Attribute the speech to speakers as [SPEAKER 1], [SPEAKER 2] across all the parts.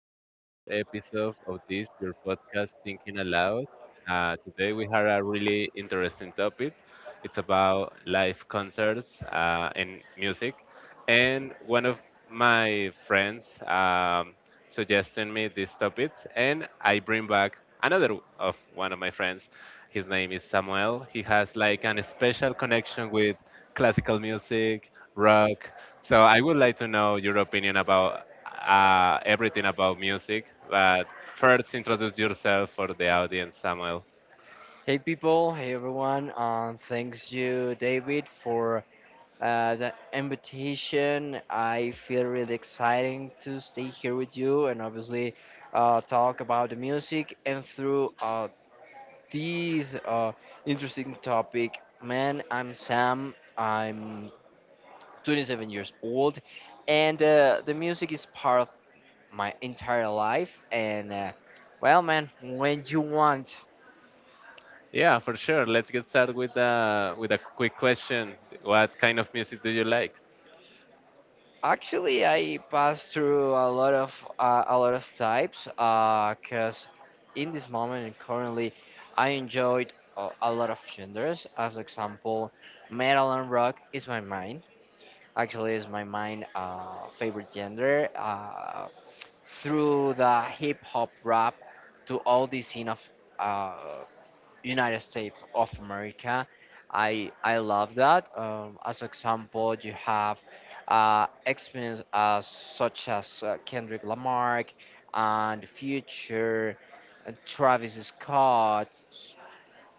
[SPEAKER 1] to another episode of this, your podcast, Thinking Aloud. Today, we have a really interesting topic. It's about live concerts and music. And one of my friends suggested me this topic, and I bring back another of one of my friends. His name is Samuel. He has like an special connection with classical music, rock. So I would like to know your opinion about everything about music, but first introduce yourself for the audience, Samuel.
[SPEAKER 2] Hey people, hey everyone, thanks you, David, for the invitation. I feel really exciting to stay here with you and obviously talk about the music and through these interesting topic. Man, I'm Sam. I'm 27 years old, and the music is part of my entire life. And well, man, when you want
[SPEAKER 1] Yeah, for sure. Let's get started with with a quick question. What kind of music do you like?
[SPEAKER 2] actually, I passed through a lot of types. Cause in this moment and currently, I enjoyed a lot of genders. As example, metal and rock is my mind. Actually, is my mind favorite gender. Through the hip hop rap to all the scene of uh, United States of America. I love that. As example, you have experience as such as Kendrick Lamar and Future, and Travis Scott,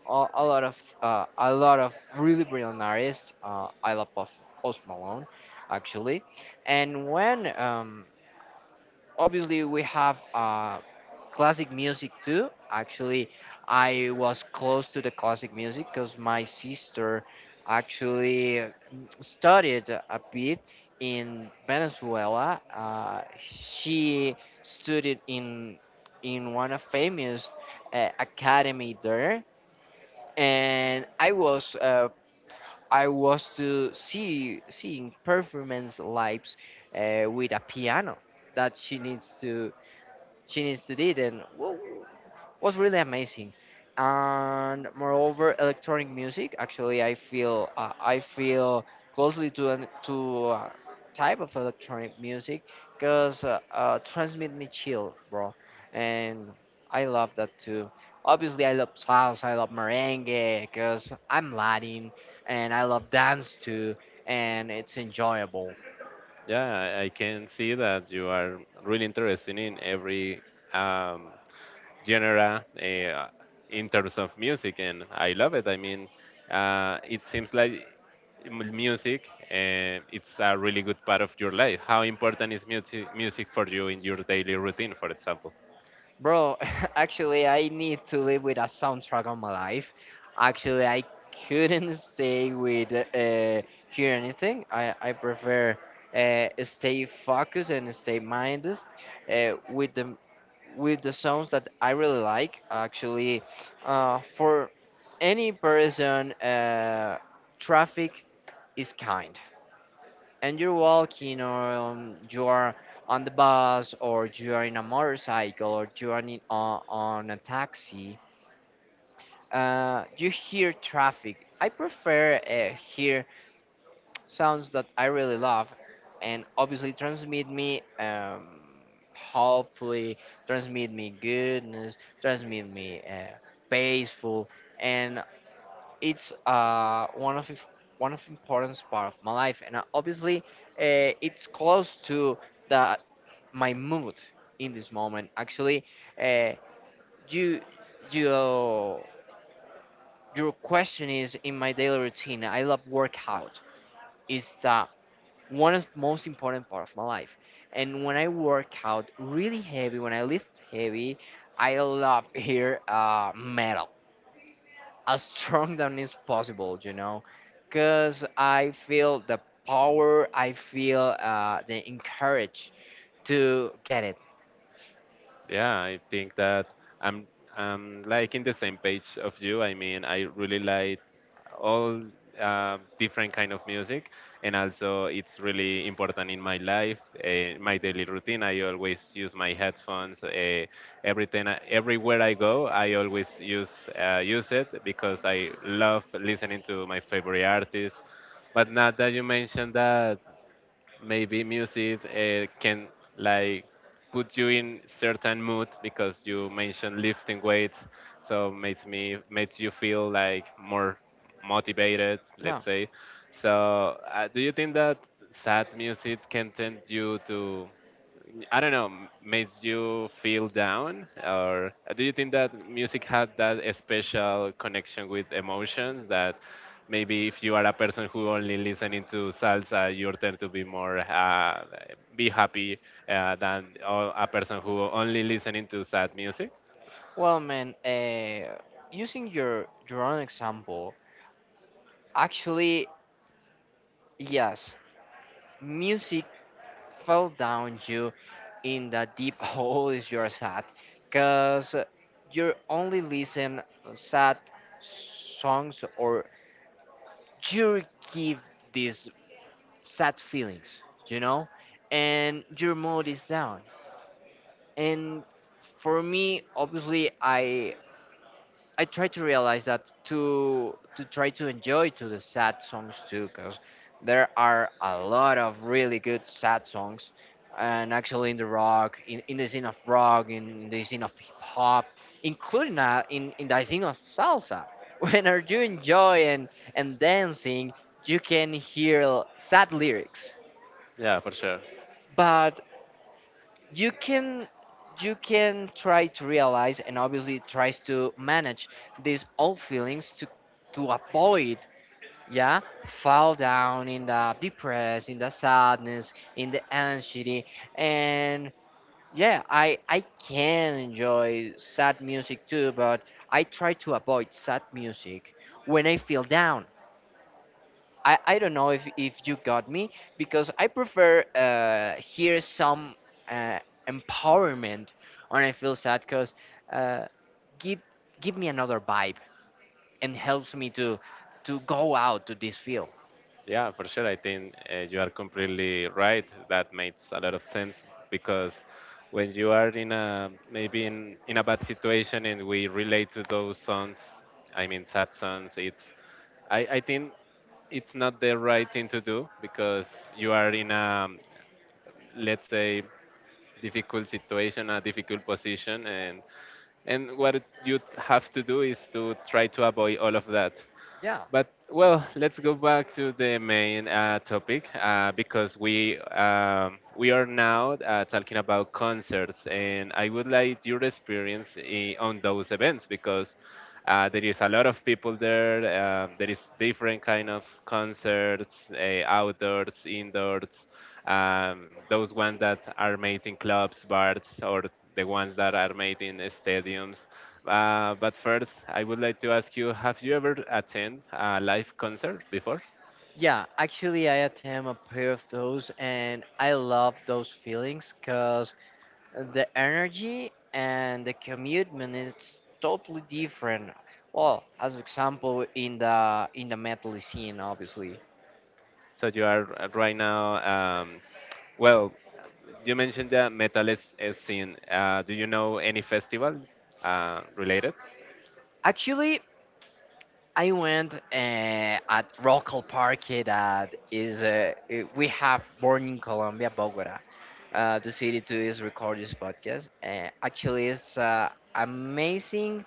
[SPEAKER 2] a, a lot of a lot of really brilliant artists. I love Post Malone, actually. And when obviously we have classic music too. Actually, I was close to the classic music because my sister actually studied a bit in Venezuela. She studied in one of famous academy there, and I was I was to see seeing performance lives with a piano that she needs to did and was really amazing. And moreover electronic music, actually, I feel I feel closely to to a type of electronic music because transmit me chill, bro. And I love that too. Obviously I love salsa, I love merengue because I'm latin, and I love dance too, and it's enjoyable.
[SPEAKER 1] Yeah, I can see that you are really interested in every um, genre in terms of music, and I love it. I mean, it seems like music it's a really good part of your life. How important is music for you in your daily routine, for example?
[SPEAKER 2] Bro, actually, I need to live with a soundtrack on my life. Actually, I couldn't stay with hear anything. I prefer stay focused and stay minded with the songs that I really like. Actually, for any person, traffic is kind, and you're walking or you are on the bus or you are in a motorcycle or you are on a taxi. You hear traffic. I prefer hear sounds that I really love and obviously transmit me hopefully, transmit me goodness, transmit me peaceful. And it's one of if- one of important part of my life, and obviously it's close to the my mood in this moment. Actually, uh, you you your question is in my daily routine. I love workout. It's the one of most important part of my life, and when I work out really heavy, when I lift heavy, I love hear metal as strong than is possible, you know, because I feel the power, I feel the encourage to get it.
[SPEAKER 1] Yeah, I think that I'm I'm like in the same page of you. I mean, I really like all different kind of music, and also it's really important in my life, my daily routine. I always use my headphones. Everywhere I go, I always use use it because I love listening to my favorite artists. But now that you mentioned that maybe music can like put you in certain mood because you mentioned lifting weights, so makes you feel like more motivated,
[SPEAKER 2] Yeah.
[SPEAKER 1] let's say. So do you think that sad music can tempt you to, I don't know, makes you feel down? Or do you think that music had that special connection with emotions that maybe if you are a person who only listening to salsa, you tend to be more, be happy than a person who only listening to sad music?
[SPEAKER 2] Well, man, using your own example, actually, yes, music fell down you in the deep hole is your sad, cause you only listen sad songs or you give this sad feelings, you know, and your mood is down. And for me, obviously, I try to realize that to try to enjoy to the sad songs too, because there are a lot of really good sad songs, and actually in the rock, in the scene of rock, in the scene of hip hop, including in the scene of salsa. When are you enjoy and dancing, you can hear sad lyrics,
[SPEAKER 1] Yeah, for sure.
[SPEAKER 2] but you can try to realize and obviously tries to manage these old feelings to avoid, yeah, fall down in the depressed, in the sadness, in the anxiety, and yeah, I can enjoy sad music too, but I try to avoid sad music when I feel down. I don't know if you got me because I prefer hear some uh, empowerment when I feel sad because uh, give give me another vibe and helps me to go out to this field.
[SPEAKER 1] Yeah, for sure. I think you are completely right. That makes a lot of sense because when you are in a, maybe in a bad situation and we relate to those songs, I mean sad songs, it's, I think it's not the right thing to do because you are in a, let's say, difficult situation, a difficult position, and what you have to do is to try to avoid all of that.
[SPEAKER 2] Yeah,
[SPEAKER 1] But well, let's go back to the main topic because we are now talking about concerts, and I would like your experience on those events because there is a lot of people there. There is different kind of concerts, outdoors, indoors. Those ones that are made in clubs, bars, or the ones that are made in stadiums. But first, I would like to ask you: Have you ever attended a live concert before?
[SPEAKER 2] yeah. Actually, I attempt a pair of those and I love those feelings because the energy and the commitment is totally different. Well, as example in the metal scene, obviously
[SPEAKER 1] So you are right now. Well, you mentioned the metal is scene. Do you know any festival related?
[SPEAKER 2] actually, I went at Rockall Park that is we have born in Colombia, Bogota. The city to is record this podcast. Actually, it's amazing,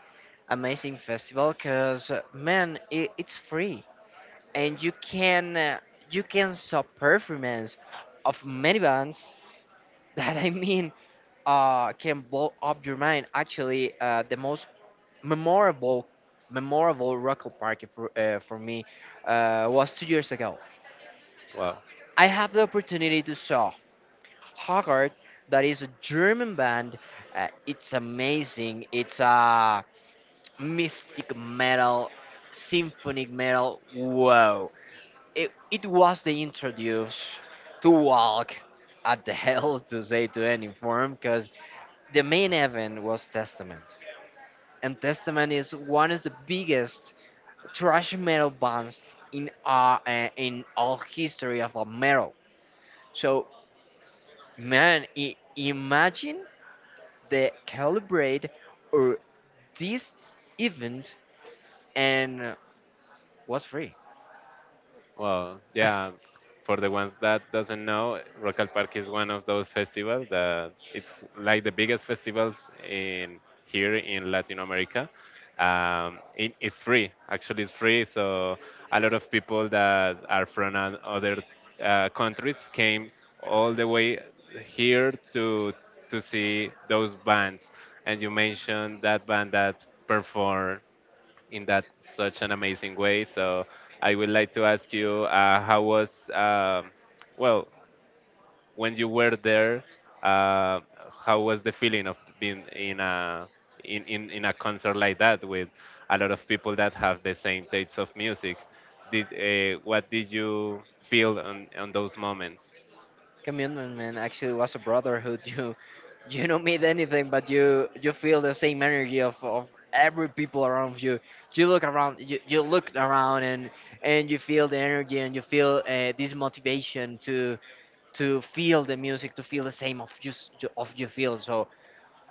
[SPEAKER 2] amazing festival because man, it's free and you can saw performance of many bands that I mean can blow up your mind. Actually, the most memorable memorable Rockall Park for me was 2 years ago.
[SPEAKER 1] Wow.
[SPEAKER 2] I have the opportunity to saw Hogarth, that is a German band. It's amazing. It's a mystic metal, symphonic metal. Wow! It was the introduce to walk at the hell to say to any form because the main event was Testament, and Testament is one of the biggest thrash metal bands in all history of a metal. So man, imagine the calibrate or this event, and was free.
[SPEAKER 1] Well, yeah, for the ones that doesn't know, Rock al Parque is one of those festivals that it's like the biggest festivals in here in Latin America. It, it's free, actually, it's free. So a lot of people that are from other countries came all the way here to see those bands. And you mentioned that band that perform in that such an amazing way. So I would like to ask you, how was well when you were there? Uh, how was the feeling of being in a, in a concert like that with a lot of people that have the same tastes of music? Did what did you feel on those moments?
[SPEAKER 2] Commitment, man. Actually, was a brotherhood. You don't meet anything, but you feel the same energy of every people around you. You look around, you look around, and you feel the energy, and you feel this motivation to feel the music, to feel the same of of you feel. So,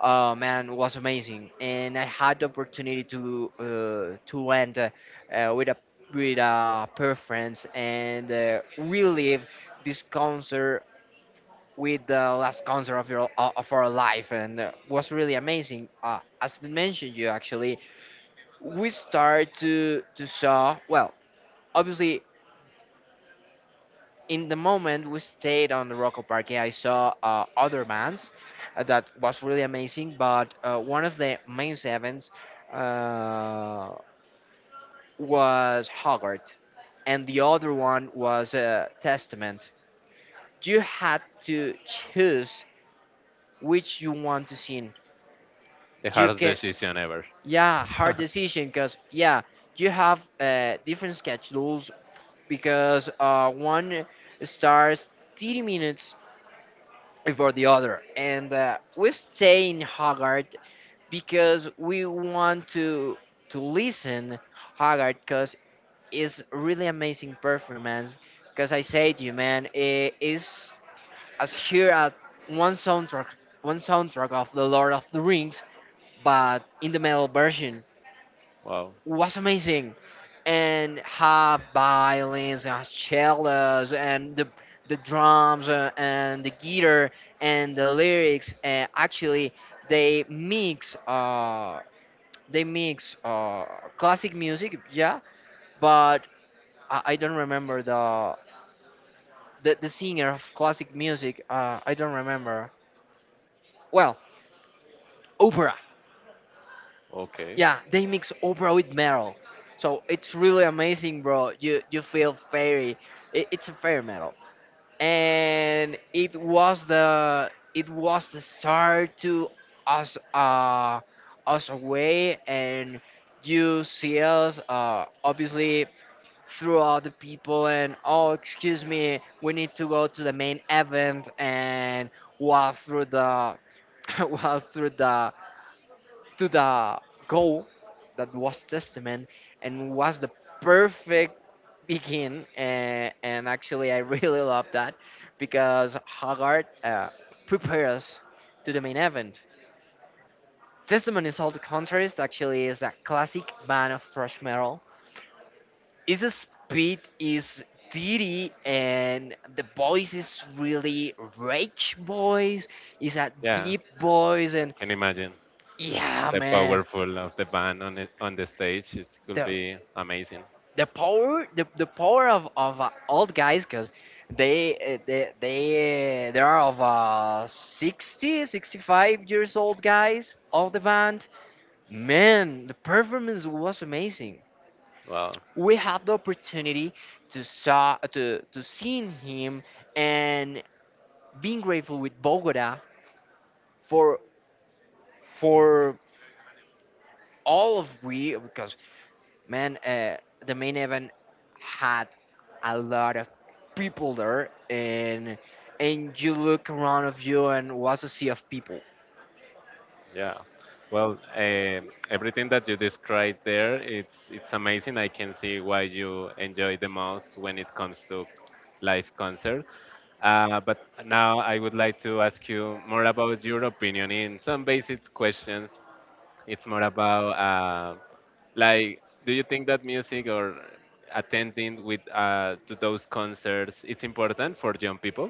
[SPEAKER 2] man, was amazing, and I had the opportunity to went with a preference and relive this concert with the last concert of your of our life, and was really amazing. As I mentioned, you actually we start to saw well. Obviously, in the moment we stayed on the Rocco Parque, I saw other bands that was really amazing. But one of the main events uh, was Hoggart, and the other one was Testament. You had to choose which you want to sing.
[SPEAKER 1] The
[SPEAKER 2] You
[SPEAKER 1] hardest
[SPEAKER 2] can,
[SPEAKER 1] decision ever.
[SPEAKER 2] yeah, hard decision because yeah, you have different schedules because one starts 30 minutes before the other. And we stay in Haggard because we want to listen Haggard because it's really amazing performance. Because I say to you, man, it is as here at one soundtrack, one soundtrack of the Lord of the Rings, but in the metal version
[SPEAKER 1] Wow.
[SPEAKER 2] was amazing and have violins and cellos and the drums and the guitar and the lyrics actually they mix uh they mix classic music, yeah, but I don't remember the singer of classic music. I don't remember well. Opera.
[SPEAKER 1] Okay.
[SPEAKER 2] Yeah, they mix opera with metal, so it's really amazing, bro. You feel fairy. It's a fairy metal, and it was the start to us us away, and you see us obviously throughout the people and oh, excuse me, we need to go to the main event and walk through the walk through the to the goal that was Testament, and was the perfect begin. And actually, I really love that because Haggard prepares to the main event. Testament is all the contrast, actually, is a classic band of thrash metal. Its speed is ditty and the voice is really rage voice. It's a
[SPEAKER 1] Yeah,
[SPEAKER 2] deep voice
[SPEAKER 1] I
[SPEAKER 2] and
[SPEAKER 1] can imagine.
[SPEAKER 2] yeah,
[SPEAKER 1] The
[SPEAKER 2] man,
[SPEAKER 1] powerful of the band on it, on the stage it could
[SPEAKER 2] the
[SPEAKER 1] be amazing.
[SPEAKER 2] the power of old guys because they are of 60, 65 years old guys of the band. Man, the performance was amazing.
[SPEAKER 1] Well,
[SPEAKER 2] We had the opportunity to saw to seeing him and being grateful with Bogota for for all of we because man, the main event had a lot of people there, and you look around of you and was a sea of people.
[SPEAKER 1] yeah. Well, um, everything that you described there, it's amazing. I can see why you enjoy the most when it comes to live concert. But now I would like to ask you more about your opinion in some basic questions. It's more about like, do you think that music or attending with to those concerts it's important for young people?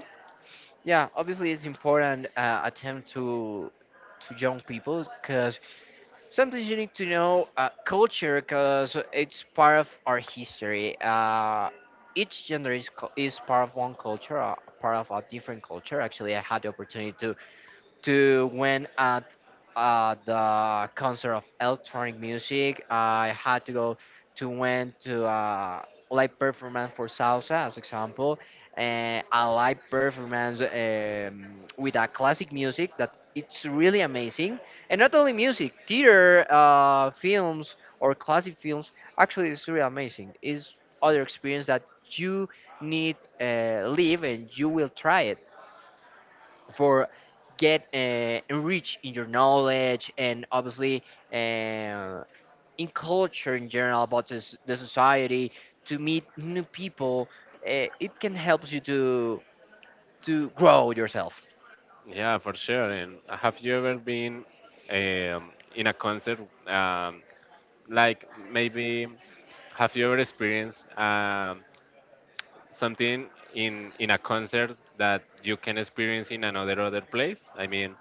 [SPEAKER 2] Yeah, obviously it's important attempt to young people because sometimes you need to know culture because it's part of our history. Each gender is, is part of one culture, part of a different culture. Actually, I had the opportunity to when at the concert of electronic music. I had to go to went to live performance for salsa, as example, and a live performance with a classic music that it's really amazing. And not only music, theater, films or classic films. Actually, it's really amazing. It's other experience that you need live and you will try it for get enrich in your knowledge and obviously uh, in culture in general about this, the society, to meet new people. It can help you to grow yourself.
[SPEAKER 1] Yeah, for sure. And have you ever been in a concert? Um, like maybe have you ever experienced something in a concert that you can experience in another other place? I mean,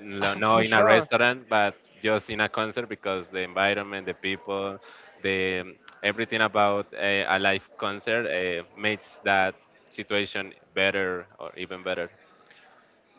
[SPEAKER 1] no, no
[SPEAKER 2] For
[SPEAKER 1] in a
[SPEAKER 2] sure.
[SPEAKER 1] restaurant, but just in a concert because the environment, the people, the everything about a live concert makes that situation better or even better.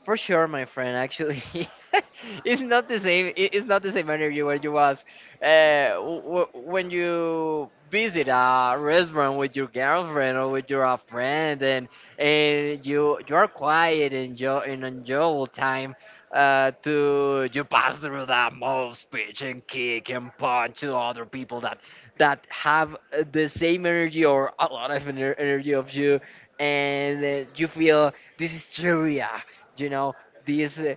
[SPEAKER 2] For sure, my friend. Actually, it's not the same. It's not the same interview where you was when you visit a restaurant with your girlfriend or with your friend, and you are quiet and enjoy and enjoyable time. To you pass through that most pitch and kick and punch to other people that have the same energy or a lot of energy of you, and you feel this is trivia you know these uh,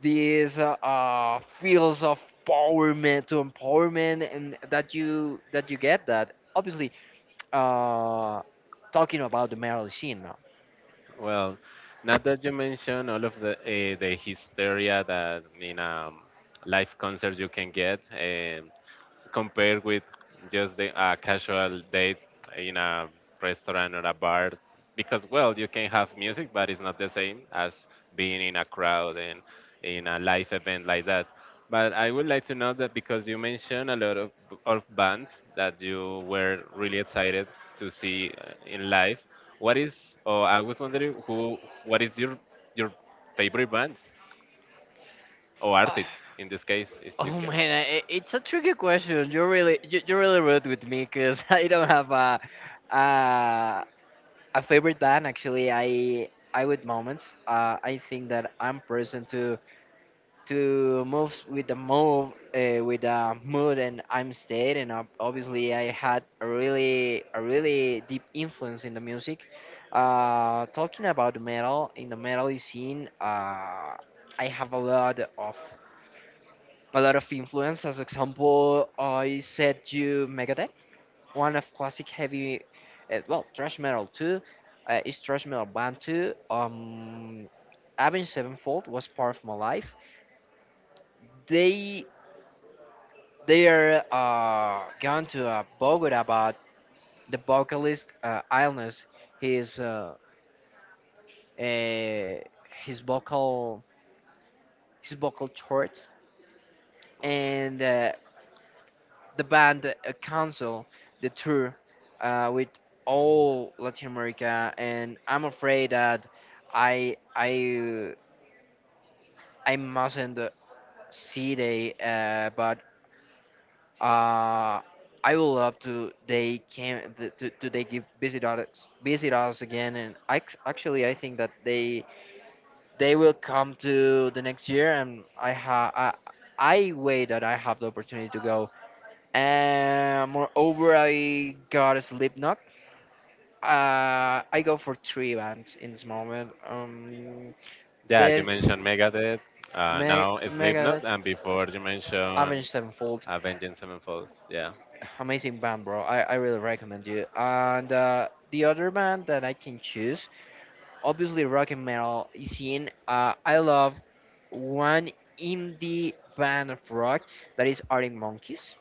[SPEAKER 2] these feels of empowerment to empowerment and that you get that. Obviously, uh talking about the marriage scene now.
[SPEAKER 1] Well, now that you mention all of the hysteria that in a live concert you can get, um, compared with just the casual date in a restaurant or a bar, because well you can have music but it's not the same as being in a crowd and in a live event like that. But I would like to know that because you mentioned a lot of bands that you were really excited to see in live. What is, or I was wondering who, what is your favorite band or artist in this case
[SPEAKER 2] Uh,
[SPEAKER 1] if you
[SPEAKER 2] Oh
[SPEAKER 1] can.
[SPEAKER 2] man, it's a tricky question. You're really rude with me because I don't have a a favorite band. Actually, I with moments. I think that I'm present to move with the mood and I'm state and obviously I had a really deep influence in the music. Talking about the metal in the metal scene, I have a lot of influence. As example, I said you Megadeth, one of classic heavy, well thrash metal too. Is thrash metal band too. Avenged Sevenfold was part of my life. They They are gone to Bogota, about the vocalist illness, his uh, uh, his vocal his vocal shorts, and the band cancel the tour with all Latin America, and I'm afraid that I I I mustn't see they but Uh, I would love to. They came. Th- to They give visit us again, and I, actually I think that they will come to the next year, and I wait that I have the opportunity to go. And moreover, I got a Slipknot. I go for three bands in this moment. Yeah,
[SPEAKER 1] Yeah, you
[SPEAKER 2] this
[SPEAKER 1] mentioned Megadeth,
[SPEAKER 2] Meg
[SPEAKER 1] now Slipknot,
[SPEAKER 2] Megadeth,
[SPEAKER 1] and before you mentioned
[SPEAKER 2] Avenged Sevenfold.
[SPEAKER 1] Avenged Sevenfold. Yeah.
[SPEAKER 2] Amazing band, bro. I really recommend you. And the other band that I can choose, obviously rock and metal is in. I love one indie band of rock that is Arctic Monkeys.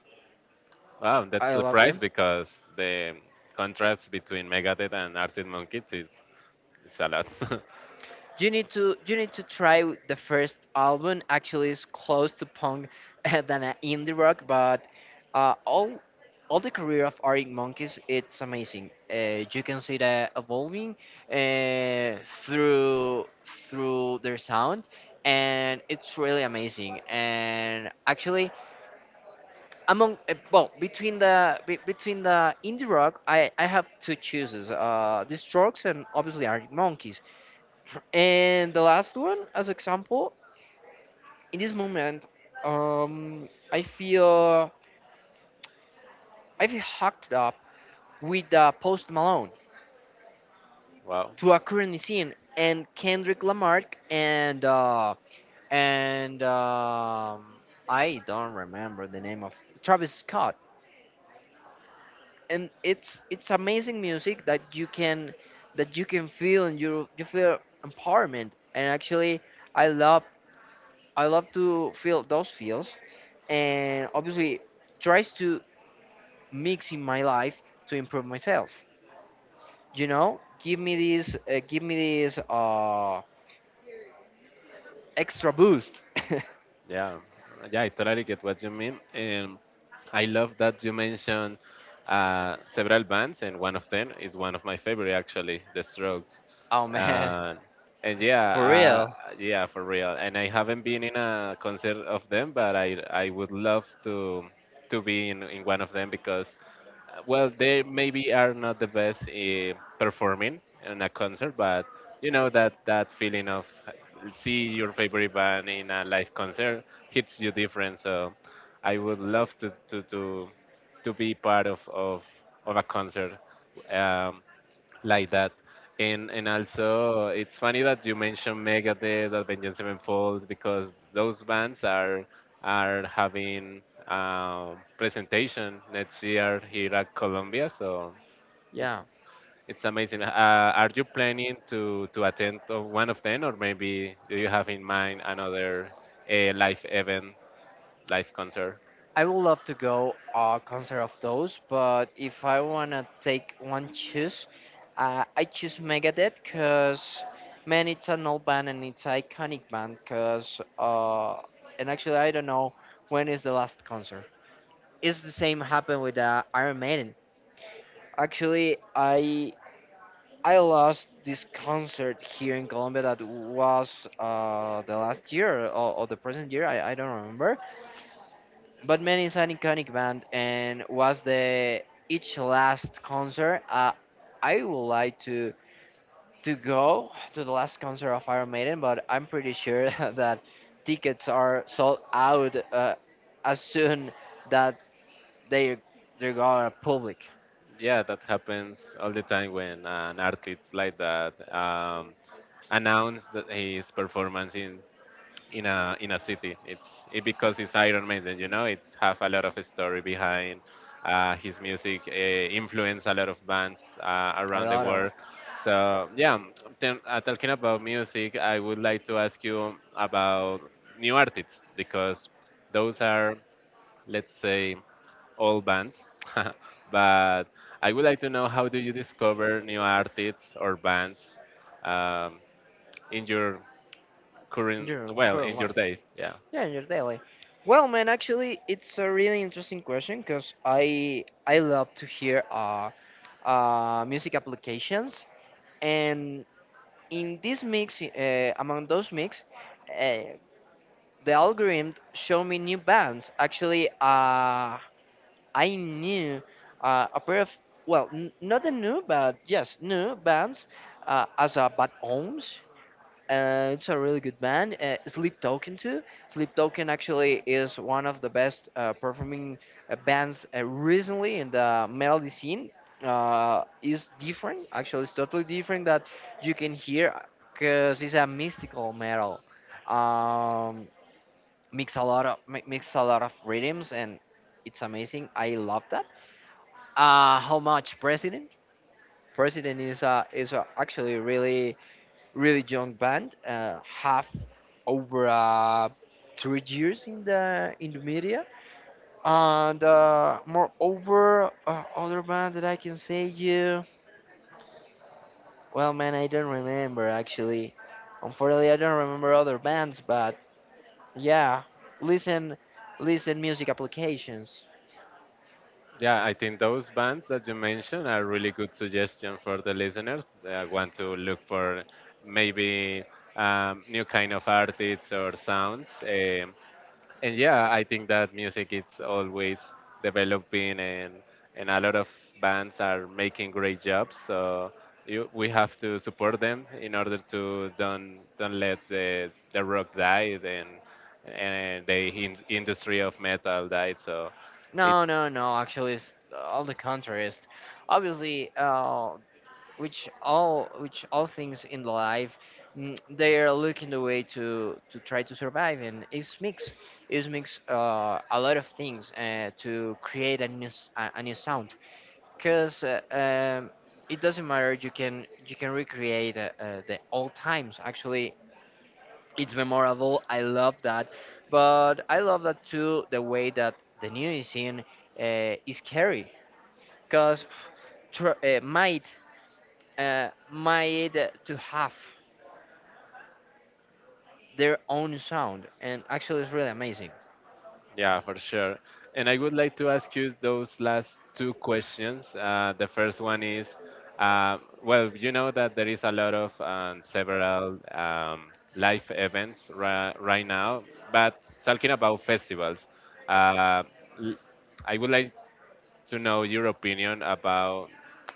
[SPEAKER 1] Wow, that's
[SPEAKER 2] I love
[SPEAKER 1] surprise
[SPEAKER 2] them.
[SPEAKER 1] because the contrast between Megadeth and Arctic Monkeys is a lot.
[SPEAKER 2] You need to try the first album. Actually, it's close to punk than a indie rock, but uh, all all the career of Arctic Monkeys it's amazing. You can see that evolving uh, through through their sound, and it's really amazing. And actually, among between the indie rock, I have two choices: The Strokes and obviously Arctic Monkeys. And the last one, as example, in this moment, um, I feel hooked up with Post Malone
[SPEAKER 1] Wow.
[SPEAKER 2] to a current scene and Kendrick Lamar and uh, and I don't remember the name of Travis Scott. And it's amazing music that you can feel and you feel empowerment. And actually, I love I love to feel those feels and obviously tries to mix in my life to improve myself, give me this extra boost.
[SPEAKER 1] Yeah, yeah, I totally get what you mean. And I love that you mentioned several bands, and one of them is one of my favorite, actually, The Strokes.
[SPEAKER 2] Oh man.
[SPEAKER 1] Uh, and yeah,
[SPEAKER 2] For real.
[SPEAKER 1] yeah, for real. And I haven't been in a concert of them, but I would love to be in one of them because well, they maybe are not the best performing in a concert, but you know that that feeling of see your favorite band in a live concert hits you different. So I would love to be part of a concert. Um, like that. And also it's funny that you mentioned Megadeth, Avenged Sevenfold, because those bands are having presentation next year here at Columbia. So it's
[SPEAKER 2] Yeah,
[SPEAKER 1] it's amazing. Are you planning to attend to one of them, or maybe do you have in mind another live event, live concert?
[SPEAKER 2] I would love to go a concert of those, but if I wanna take one choose, I choose Megadeth because man, it's an old band and it's iconic band because and actually I don't know when is the last concert. It's the same happened with Iron Maiden. Actually, I lost this concert here in Colombia that was the last year, or the present year. I don't remember. But Man is an iconic band and was the each last concert. I would like to go to the last concert of Iron Maiden, but I'm pretty sure that tickets are sold out as soon that they they're gonna public.
[SPEAKER 1] Yeah, that happens all the time when an artist like that announced that his performance in a city. It's it, because it's Iron Maiden, you know. It's have a lot of story behind. His music influenced a lot of bands
[SPEAKER 2] A
[SPEAKER 1] around the
[SPEAKER 2] lot of.
[SPEAKER 1] world. So yeah, then, talking about music, I would like to ask you about new artists because those are, let's say, old bands. But I would like to know how do you discover new artists or bands um, in your current,
[SPEAKER 2] Your
[SPEAKER 1] well,
[SPEAKER 2] current
[SPEAKER 1] in your
[SPEAKER 2] life.
[SPEAKER 1] day? Yeah.
[SPEAKER 2] Yeah, in your daily. Well, man, actually, it's a really interesting question because I love to hear music applications, and in this mix, among those mix, uh, the algorithm showed me new bands. Actually, I knew a pair of, well, not the new, but yes, new bands as a Bad Ohms. It's a really good band. Sleep Token too. Sleep Token actually is one of the best performing bands recently in the melody scene. Is different. Actually, it's totally different that you can hear because it's a mystical metal. Um, Mix a lot of mix a lot of rhythms and it's amazing. I love that. How much President? President is a actually really really young band, have over 3 years in the media, and moreover, other band that I can say you. Well, man, I don't remember actually. Unfortunately, I don't remember other bands, but yeah, listen, listen, music applications.
[SPEAKER 1] Yeah, I think those bands that you mentioned are really good suggestion for the listeners that want to look for maybe new kind of artists or sounds. And yeah, I think that music is always developing, and a lot of bands are making great jobs. So you, we have to support them in order to don't let the rock die, and the industry of metal die. So.
[SPEAKER 2] No, no, no. Actually, it's all the contrary. It's obviously, which all things in life they are looking the way to try to survive and it's mix a lot of things to create a a new sound because it doesn't matter. You can you can recreate the old times. Actually, it's memorable. I love that, but I love that too, the way that the new scene is carried because might made to have their own sound, and actually, it's really amazing.
[SPEAKER 1] Yeah, for sure. And I would like to ask you those last two questions. The first one is, well, you know that there is a lot of several live events right now, but talking about festivals, uh, l- I would like to know your opinion about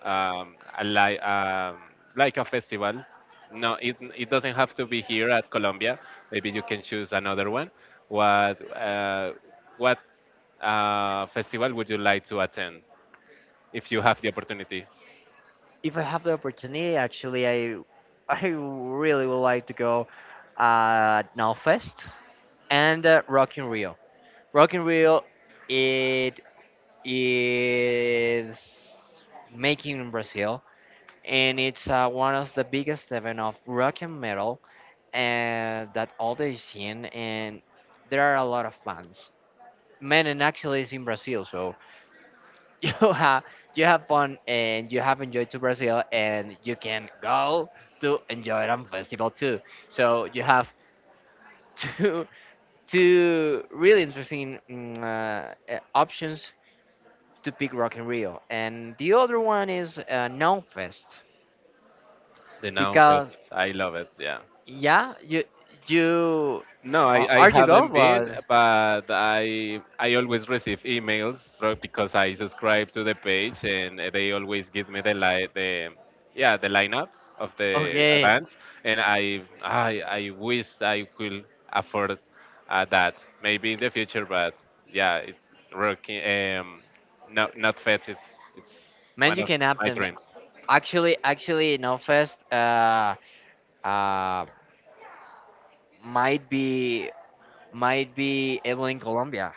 [SPEAKER 1] um, a li- um, like a festival. No, it doesn't have to be here at Colombia. Maybe you can choose another one. What what festival would you like to attend if you have the opportunity?
[SPEAKER 2] If I have the opportunity, actually, I I really would like to go at Nowfest and Rock in Rio. Rock in Rio, it is making in Brazil, and it's one of the biggest event of rock and metal and that all the scene, and there are a lot of bands. Menon actually is in Brazil, so you have you have fun and you have enjoyed to Brazil and you can go to enjoy it on festival too. So you have two two really interesting options to pick Rock in Rio, and the other one is fest
[SPEAKER 1] The Noun
[SPEAKER 2] because
[SPEAKER 1] Fest. I love it. Yeah.
[SPEAKER 2] yeah you
[SPEAKER 1] No, I, I
[SPEAKER 2] are you go
[SPEAKER 1] haven't been,
[SPEAKER 2] but
[SPEAKER 1] but I always receive emails because I subscribe to the page and they always give me the li the yeah the lineup of the
[SPEAKER 2] okay
[SPEAKER 1] events, and I wish I could afford that maybe in the future, but yeah, it working not not fat. It's
[SPEAKER 2] man
[SPEAKER 1] one
[SPEAKER 2] you
[SPEAKER 1] of
[SPEAKER 2] can
[SPEAKER 1] my
[SPEAKER 2] happen.
[SPEAKER 1] dreams.
[SPEAKER 2] Actually, Non-Fest uh might be might be able in Colombia.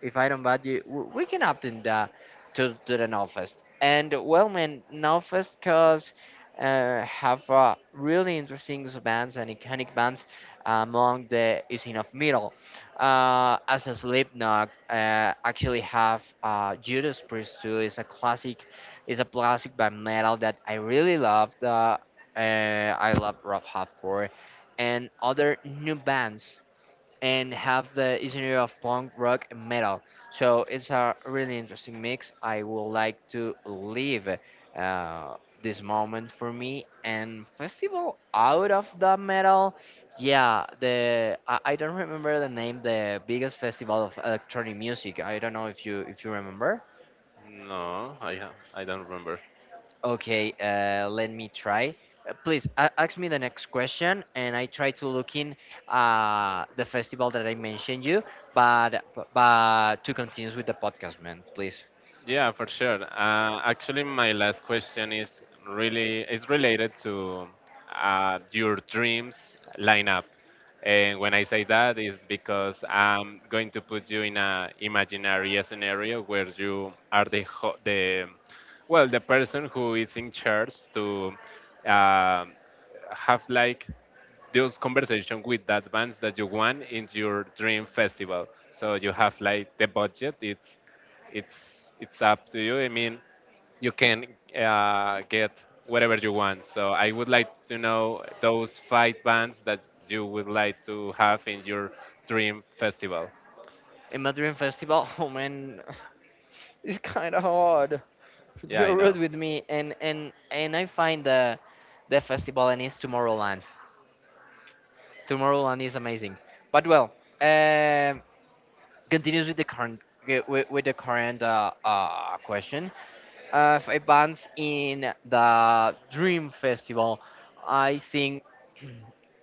[SPEAKER 2] If I don't bad you, we can opt in the, to the Novfest. And well, man, Novfest cause have really interesting bands and iconic bands among the scene of metal. As a Slipknot, actually have Judas Priest too. Is a classic band metal that I really love. Uh, I love Rough Half for, and other new bands and have the genre of punk rock and metal. So it's a really interesting mix. I would like to leave uh, this moment for me and festival out of the metal. Yeah, the I don't remember the name. The biggest festival of electronic music. I don't know if you remember.
[SPEAKER 1] No, I don't remember.
[SPEAKER 2] Okay, let me try. Please ask me the next question, and I try to look in the festival that I mentioned you. But to continue with the podcast, man, please.
[SPEAKER 1] Yeah, for sure. Actually, my last question is really is related to your dreams lineup. And when I say that, is because I'm going to put you in a imaginary scenario where you are the the well the person who is in charge to uh, have like those conversation with that bands that you want in your dream festival. So you have like the budget. It's up to you. I mean, you can get whatever you want. So I would like to know those five bands that you would like to have in your dream festival.
[SPEAKER 2] In Madrid festival, oh man, it's kind of hard.
[SPEAKER 1] Yeah,
[SPEAKER 2] You're
[SPEAKER 1] I
[SPEAKER 2] rude
[SPEAKER 1] know.
[SPEAKER 2] with me, and I find the festival and it's Tomorrowland. Tomorrowland is amazing. But well, um continues with the current with the current question. Five bands in the Dream Festival. I think,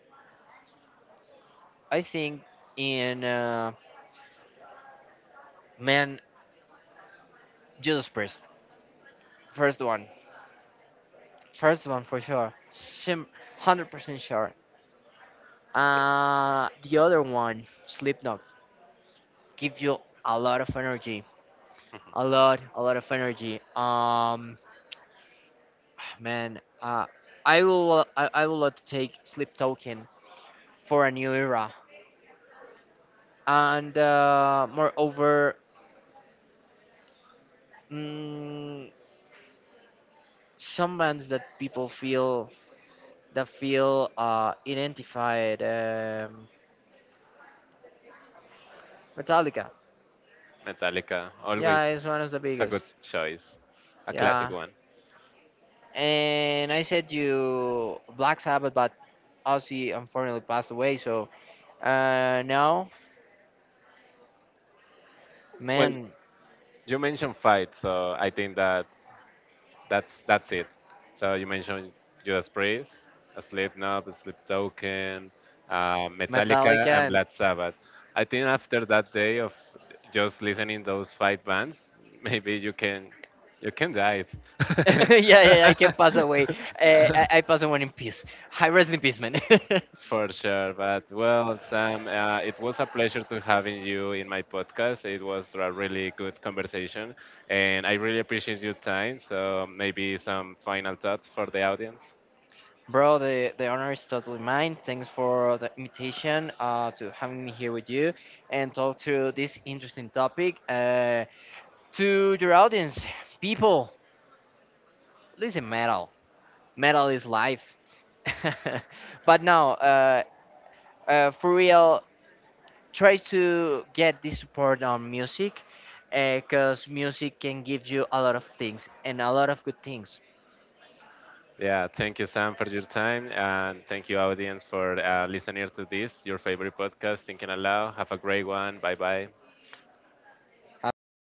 [SPEAKER 2] I think in man Jesus Priest, first one, first one for sure, Sim, 100% sure. The other one, Slipknot, give you a lot of energy, a lot of energy. Man, I will love to take Sleep Token for a new era. And moreover, mm, some bands that people feel that feel identified. Metallica,
[SPEAKER 1] Metallica
[SPEAKER 2] yeah,
[SPEAKER 1] always
[SPEAKER 2] is one of the
[SPEAKER 1] it's a good
[SPEAKER 2] biggest.
[SPEAKER 1] choice, a classic
[SPEAKER 2] Yeah,
[SPEAKER 1] one.
[SPEAKER 2] and I said you Black Sabbath, but Ozzy unfortunately passed away. So now,
[SPEAKER 1] Well,
[SPEAKER 2] man,
[SPEAKER 1] you mentioned fight, so I think that that's it. So you mentioned Judas Priest, Slipknot, Sleep Token, Metallica,
[SPEAKER 2] Metallica
[SPEAKER 1] and
[SPEAKER 2] and.
[SPEAKER 1] Black Sabbath. I think after that day of just listening those five bands, maybe you can die. it.
[SPEAKER 2] Yeah, yeah, I can pass away. Uh, I pass away in peace. I rest in peace, man.
[SPEAKER 1] For sure, but well, Sam, it was a pleasure to having you in my podcast. It was a really good conversation, and I really appreciate your time. So maybe some final thoughts for the audience.
[SPEAKER 2] Bro, the honor is totally mine. Thanks for the invitation to having me here with you and talk to this interesting topic. To your audience, people, listen metal. Metal is life. But now, for real, try to get this support on music because music can give you a lot of things and a lot of good things.
[SPEAKER 1] Yeah, thank you, Sam, for your time, and thank you, audience, for listening to this, your favorite podcast, Thinking Aloud. Have a great one. Bye bye.
[SPEAKER 2] Have you?